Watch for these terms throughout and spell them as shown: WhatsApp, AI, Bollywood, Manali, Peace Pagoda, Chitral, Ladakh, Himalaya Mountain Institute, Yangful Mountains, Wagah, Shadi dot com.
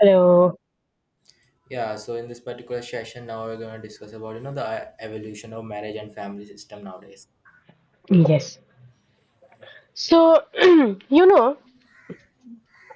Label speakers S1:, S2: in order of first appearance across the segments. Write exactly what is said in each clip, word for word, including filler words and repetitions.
S1: Hello.
S2: Yeah, so in this particular session, now we're going to discuss about you know the uh, evolution of marriage and family system nowadays.
S1: Yes. So, you know,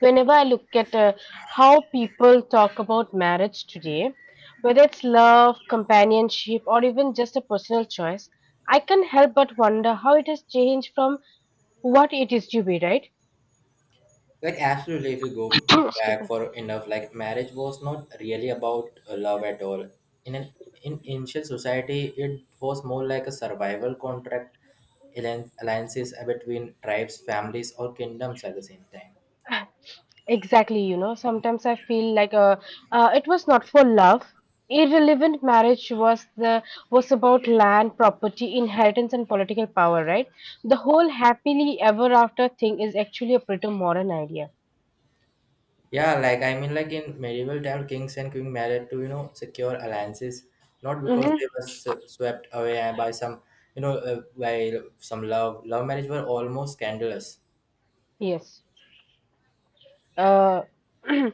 S1: whenever I look at uh, how people talk about marriage today, whether it's love, companionship, or even just a personal choice, I can't help but wonder how it has changed from what it used to be, right?
S2: Like absolutely, if you go
S1: Excuse
S2: back
S1: me.
S2: for enough, like marriage was not really about uh, love at all. In an in ancient society, it was more like a survival contract, allian- alliances between tribes, families, or kingdoms at the same time.
S1: Exactly, you know, sometimes I feel like uh, uh, it was not for love. Irrelevant marriage was the was about land, property, inheritance, and political power, right? The whole happily ever after thing is actually a pretty modern idea.
S2: Yeah, like I mean, like in medieval time, kings and queen married to you know secure alliances, not because
S1: Mm-hmm.
S2: they were s- swept away by some you know uh, by some love. Love marriage were almost scandalous.
S1: Yes. Uh,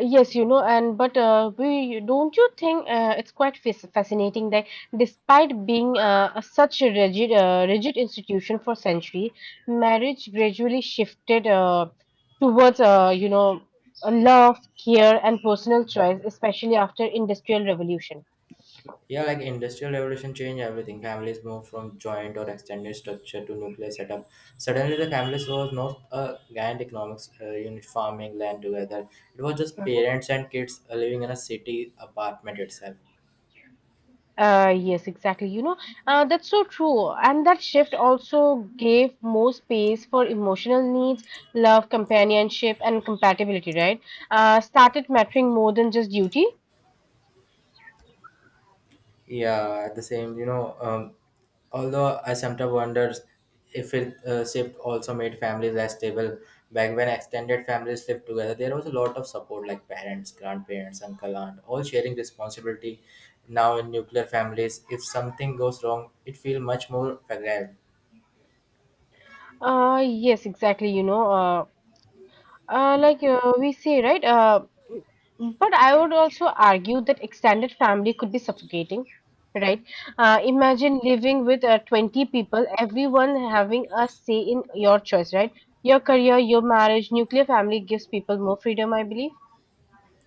S1: Yes, you know, and but uh, we don't you think uh, it's quite fas- fascinating that despite being uh, a such a rigid uh, rigid institution for century, marriage gradually shifted uh, towards uh, you know a love, care, and personal choice, especially after Industrial Revolution.
S2: Yeah, like industrial revolution changed everything. Families moved from joint or extended structure to nuclear setup. Suddenly, the families was not a giant economics uh, unit farming land together. It was just parents and kids uh, living in a city apartment itself.
S1: Uh, yes, exactly. You know, Uh, that's so true. And that shift also gave more space for emotional needs, love, companionship, and compatibility, right? Uh, started mattering more than just duty.
S2: Yeah, the same. You know, um, although I sometimes wonder if it uh, shift also made families less stable. Back when extended families lived together, there was a lot of support, like parents, grandparents, uncle, aunt, all sharing responsibility. Now in nuclear families, if something goes wrong, it feels much more fragile.
S1: Uh, yes, exactly. You know, uh, Uh, like uh, we say, right? Uh, but I would also argue that extended family could be suffocating, right? Uh, imagine living with uh, twenty people, everyone having a say in your choice, right? Your career, your marriage, nuclear family gives people more freedom, I believe.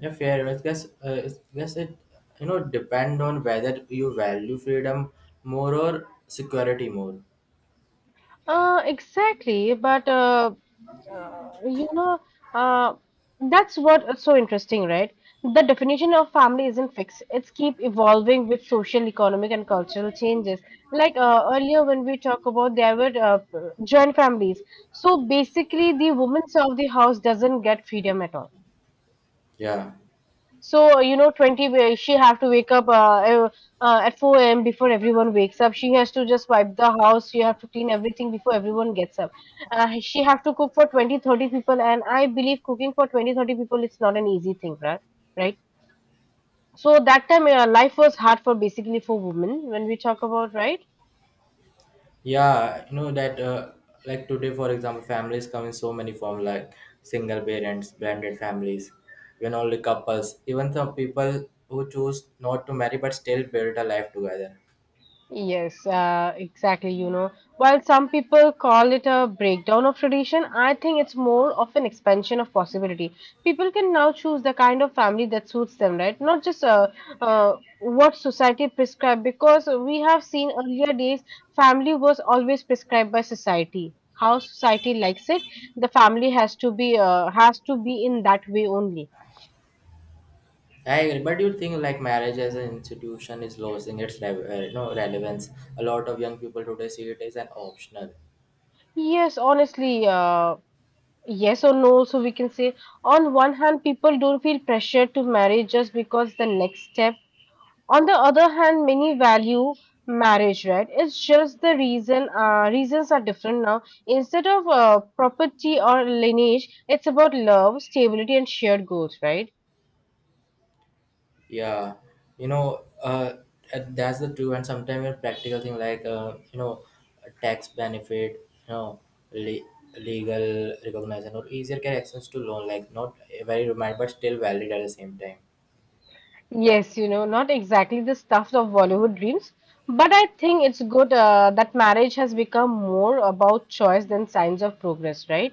S2: Yeah, fair. I guess, uh, I guess it, you know, depend on whether you value freedom more or security more.
S1: Uh, exactly, but uh, uh, you know, uh, that's what's so interesting, right? The definition of family isn't fixed. It's keep evolving with social, economic, and cultural changes. Like uh, earlier when we talk about there were uh, joint families. So basically, the woman of the house doesn't get freedom at all.
S2: Yeah.
S1: So, you know, twenty, wa- she have to wake up uh, uh, at four a m before everyone wakes up. She has to just wipe the house. She have to clean everything before everyone gets up. Uh, she have to cook for twenty, thirty people. And I believe cooking for twenty, thirty people is not an easy thing, right? Right. So that time, uh, life was hard for basically for women when we talk about, right?
S2: Yeah, you know that uh, like today, for example, families come in so many forms like single parents, blended families, even only couples, even some people who choose not to marry but still build a life together.
S1: Yes, uh, exactly. You know, while some people call it a breakdown of tradition, I think it's more of an expansion of possibility. People can now choose the kind of family that suits them, right? Not just uh, uh, what society prescribed, because we have seen earlier days, family was always prescribed by society. How society likes it, the family has to be uh, has to be in that way only.
S2: I agree, but do you think like marriage as an institution is losing its re- uh, you know, relevance? A lot of young people today see it as an optional.
S1: Yes, honestly, uh, yes or no, so we can say on one hand, people don't feel pressure to marry just because the next step. On the other hand, many value marriage, right? It's just the reason, uh, reasons are different now. Instead of uh, property or lineage, it's about love, stability, and shared goals, right?
S2: Yeah, you know, uh, uh, that's the true and sometimes a practical thing like uh, you know, tax benefit, you know, le- legal recognition or easier get access to loan, like not very remind but still valid at the same time.
S1: Yes, you know, not exactly the stuff of Bollywood dreams, but I think it's good uh, that marriage has become more about choice than signs of progress, right?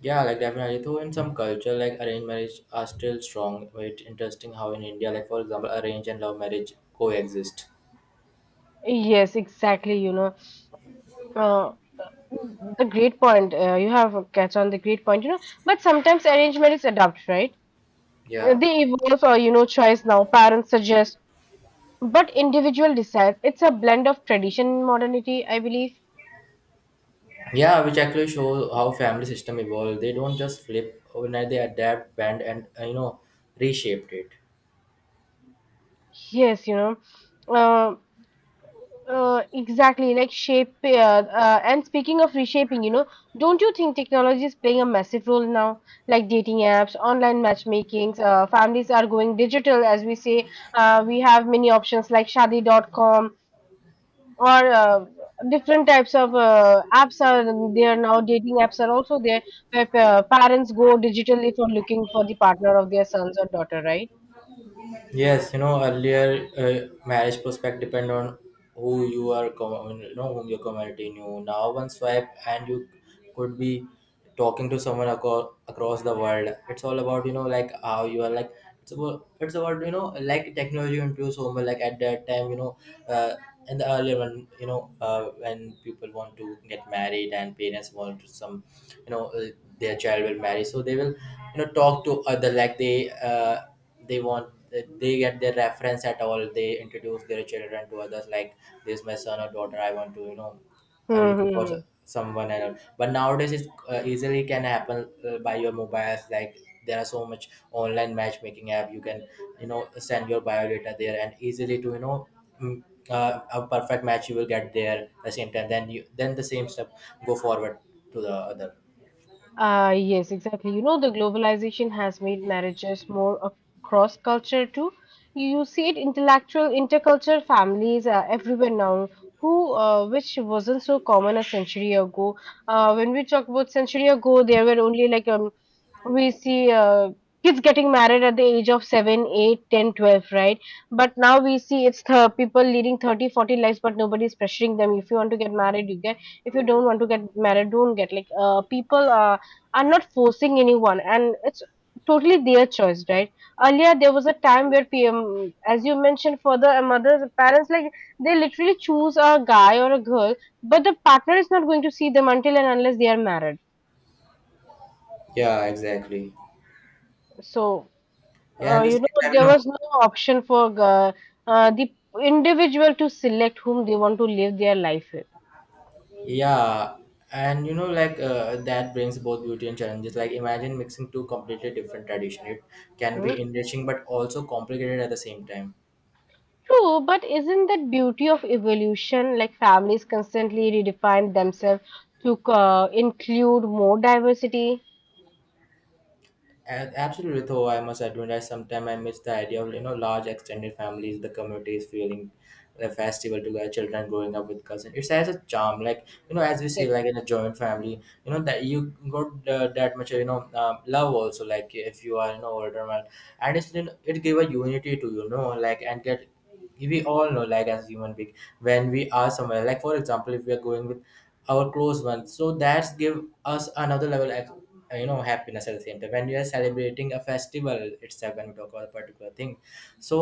S2: Yeah, like definitely. So in some culture, like arranged marriage are still strong. But it's interesting how in India, like for example, arranged and love marriage coexist.
S1: Yes, exactly, you know. Uh, the great point uh, you have uh, catch on the great point, you know, but sometimes arranged marriage adapt, right. Uh,
S2: Yeah.
S1: they evolve, or you know, choice now parents suggest, but individual decides. It's a blend of tradition and modernity, I believe.
S2: Yeah, which actually shows how family system evolved. They don't just flip overnight; they adapt, bend, and uh, you know, reshaped it.
S1: Yes, you know. Uh, Uh, exactly, like shape. Uh, uh, and speaking of reshaping, you know, don't you think technology is playing a massive role now? Like dating apps, online matchmakings, uh, families are going digital, as we say. Uh, we have many options like Shadi dot com or uh, different types of uh, apps are there now. Dating apps are also there where uh, parents go digitally for looking for the partner of their sons or daughter, right?
S2: Yes, you know, earlier uh, marriage prospect depend on who you are, com- you know, whom your community knew. Now one swipe and you could be talking to someone aco- across the world. It's all about you know like how you are, like it's about it's about you know like technology into so much, like at that time you know uh, in the earlier one, you know uh, when people want to get married and parents want to some you know uh, their child will marry, so they will you know talk to other like they. Uh, they want they get their reference at all, they introduce their children to others like this is my son or daughter, I want to you know I'm
S1: Hmm,
S2: looking for
S1: hmm,
S2: s-
S1: hmm.
S2: someone and all. But nowadays it's uh, easily can happen uh, by your mobiles, like there are so much online matchmaking app, you can you know send your biodata there and easily to you know mm, uh, a perfect match you will get there at the same time, then you then the same step go forward to the other.
S1: Uh, yes, exactly. You know, the globalization has made marriages more of cross culture too. You see it intellectual intercultural families uh, everywhere now, who uh, which wasn't so common a century ago. Uh, when we talk about century ago, there were only like um, we see uh, kids getting married at the age of seven eight, ten, twelve, right, but now we see it's the people leading thirty, forty lives, but nobody is pressuring them. If you want to get married, you get. If you don't want to get married, don't get. Like uh, people uh, are not forcing anyone, and it's totally their choice, right? Earlier, there was a time where P M, as you mentioned, for the mothers, parents, like they literally choose a guy or a girl, but the partner is not going to see them until and unless they are married.
S2: Yeah, exactly.
S1: So,
S2: Yeah,
S1: uh,
S2: and the
S1: you know,
S2: same time you
S1: there was
S2: know
S1: no option for uh, uh, the individual to select whom they want to live their life with.
S2: yeah, and you know, like uh, that brings both beauty and challenges. Like, imagine mixing two completely different tradition. It can
S1: Hmm?
S2: be enriching but also complicated at the same time.
S1: True, but isn't that beauty of evolution? Like families constantly redefine themselves to uh, include more diversity.
S2: A- Absolutely, though, I must admit, I sometimes I miss the idea of you know large extended families, the communities feeling the festival together, children growing up with cousins. It has a charm, like you know, as we say,
S1: Yes.
S2: like in a joint family, you know that you got uh, that much you know um, love also. Like if you are you know older man, and it's you know, it give a unity to you know like, and get we all know, like as human being, when we are somewhere, like for example, if we are going with our close ones, so that's give us another level of uh, you know happiness at the same time, when we are celebrating a festival itself, when we talk about a particular thing. So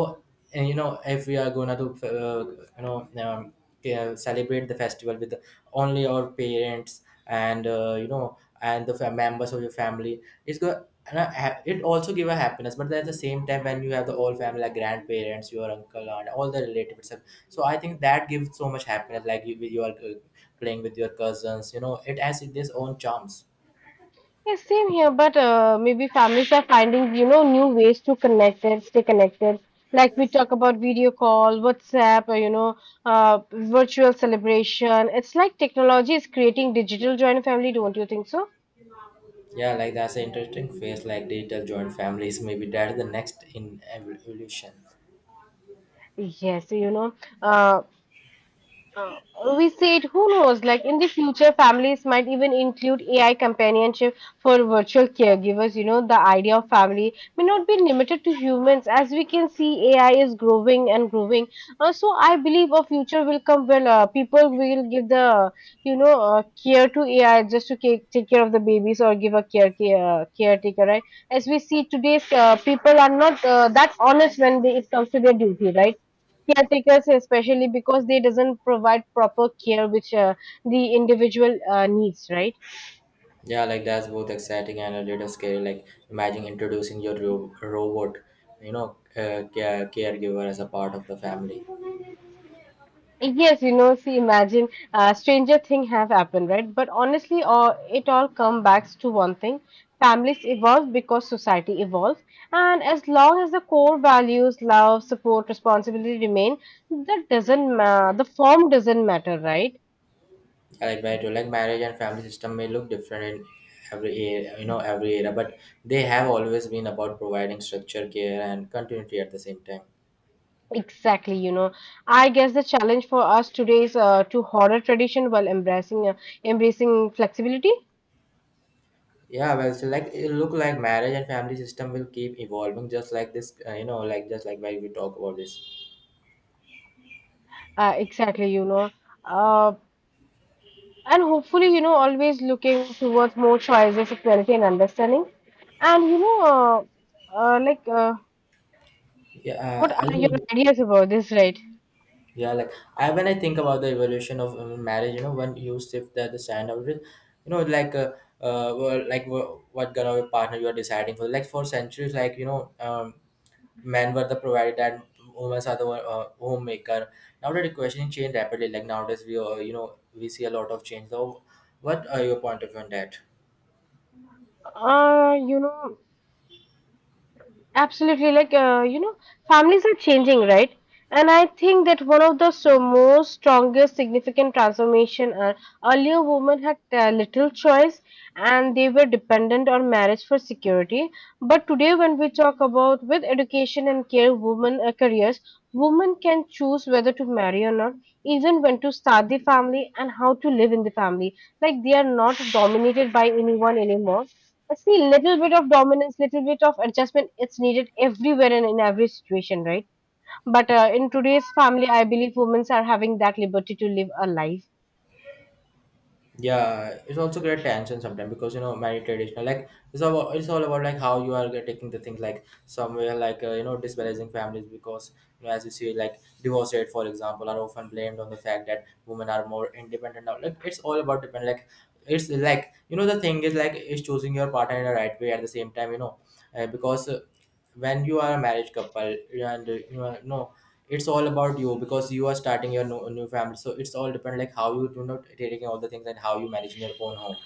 S2: uh, you know if we are gonna to, uh, you know um, yeah, celebrate the festival with only your parents and uh, you know and the fam- members of your family, it's good and I ha- it also give a happiness. But at the same time, when you have the whole family like grandparents, your uncle and all the relatives, so I think that gives so much happiness, like you, you are uh, playing with your cousins, you know, it has its own charms.
S1: Yes, same here, but uh, maybe families are finding, you know, new ways to connect and stay connected. Like we talk about video call, WhatsApp, or, you know, uh, virtual celebration. It's like technology is creating digital joint family, don't you think so?
S2: Yeah, like that's an interesting phase, like digital joint families, maybe that's the next in evolution.
S1: Yes, you know. uh, Uh, we said, who knows, like in the future, families might even include A I companionship for virtual caregivers. You know, the idea of family may not be limited to humans. As we can see, A I is growing and growing. Uh, so I believe a future will come where uh, people will give the, you know, uh, care to A I just to take, take care of the babies or give a care, care caretaker, right? As we see today's uh, people are not uh, that honest when they, it comes to their duty, right? Caretakers especially, because they doesn't provide proper care which uh, the individual uh, needs, right.
S2: Yeah, like that's both exciting and a little scary. Like imagine introducing your ro- robot, you know, uh, care- caregiver as a part of the family.
S1: Yes, you know, see, imagine uh, stranger thing have happened, right, but honestly, uh, it all come back to one thing. Families evolve because society evolves, and as long as the core values love, support, responsibility remain, that doesn't ma- the form doesn't matter, right.
S2: I like right, like marriage and family system may look different in every era, you know every era, but they have always been about providing structure, care, and continuity at the same time.
S1: Exactly, you know, I guess the challenge for us today is uh, to honor tradition while embracing uh, embracing flexibility.
S2: Yeah, well, so like it look like marriage and family system will keep evolving, just like this, uh, you know, like just like why we talk about this.
S1: Uh, exactly, you know, uh, and hopefully, you know, always looking towards more choices, equality, and understanding. And you know, uh, uh, like, uh,
S2: Yeah,
S1: what
S2: uh, I
S1: are your
S2: think.
S1: ideas about this, right?
S2: Yeah, like I when I think about the evolution of um, marriage, you know, when you shift the, the standard, of you know, like uh, uh well, like wha- what kind of a partner you are deciding for. Like for centuries, like you know, um, men were the provider and women are the one- uh, homemaker. Now that the question changed rapidly. Like nowadays, we uh, you know we see a lot of change. So, what are your point of view on that?
S1: Uh, you know. Absolutely, like uh, you know, families are changing, right? And I think that one of the so most strongest significant transformation are earlier women had uh, little choice and they were dependent on marriage for security. But today, when we talk about with education and care, women uh, careers, women can choose whether to marry or not, even when to start the family and how to live in the family. Like they are not dominated by anyone anymore. I see little bit of dominance, little bit of adjustment. It's needed everywhere and in every situation, right? But uh, in today's family, I believe women are having that liberty to live a life.
S2: Yeah, it's also great tension sometimes because you know many traditional, like it's all it's all about like how you are taking the things, like somewhere like uh, you know disbalancing families, because you know, as you see, like divorce rate for example are often blamed on the fact that women are more independent now. Like it's all about depend, like it's like you know, the thing is like is choosing your partner in the right way at the same time, you know uh, because uh, when you are a marriage couple and you are no, it's all about you, because you are starting your new, new family, so it's all depend like how you do not taking all the things and how you managing your own home.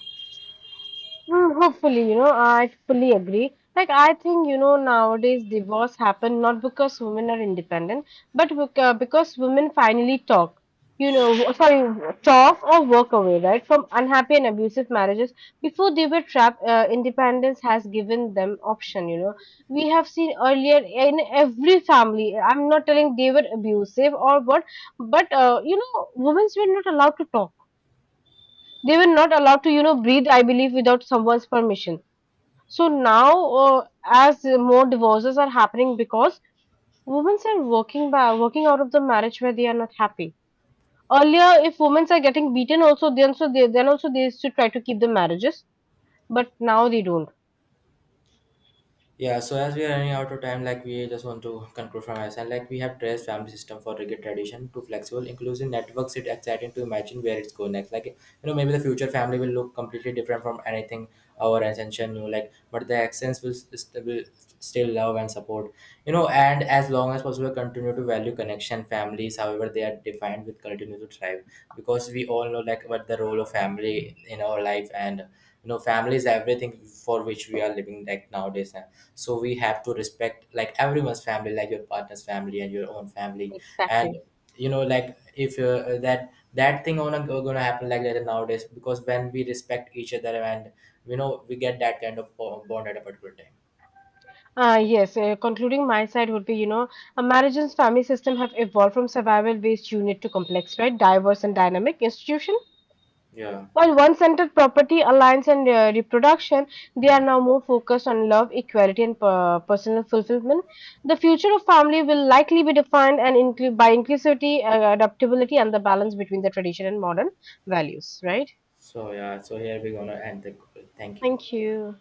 S1: Mm, hopefully, you know, I fully agree. Like, I think, you know, nowadays divorce happen not because women are independent, but bec- uh, because women finally talk, you know, w- sorry, talk or walk away, right, from unhappy and abusive marriages. Before they were trapped, uh, independence has given them option, you know. We have seen earlier in every family, I'm not telling they were abusive or what, but, uh, you know, women were not allowed to talk. They were not allowed to, you know, breathe, I believe, without someone's permission. So now, uh, as more divorces are happening because women are working by working out of the marriage where they are not happy. Earlier, if women are getting beaten, also then so they then also they used to try to keep the marriages, but now they don't.
S2: Yeah, so as we are running out of time, like we just want to conclude from us, and like we have traced family system for rigid tradition to flexible, inclusive networks. It's exciting to imagine where it's going next. Like you know, maybe the future family will look completely different from anything our ancestors knew. Like, but the accents will, st- will still love and support. You know, and as long as possible, continue to value connection. Families, however, they are defined, will continue to thrive, because we all know like what the role of family in our life, and you know family is everything for which we are living like nowadays. And so we have to respect like everyone's family, like your partner's family and your own family, and
S1: Exactly.
S2: you know, like if uh, that that thing on gonna happen like that nowadays. Because when we respect each other, and you know we get that kind of bo- bond at a particular time.
S1: Uh, yes, uh, concluding my side would be, you know, a marriage and family system have evolved from survival-based unit to complex, right, diverse and dynamic institution.
S2: Yeah.
S1: While one centered property, alliance, and uh, reproduction, they are now more focused on love, equality, and per- personal fulfillment. The future of family will likely be defined and inclu- by inclusivity, uh, adaptability, and the balance between the tradition and modern values. Right?
S2: So yeah, so here we're gonna end the. Thank you.
S1: Thank you.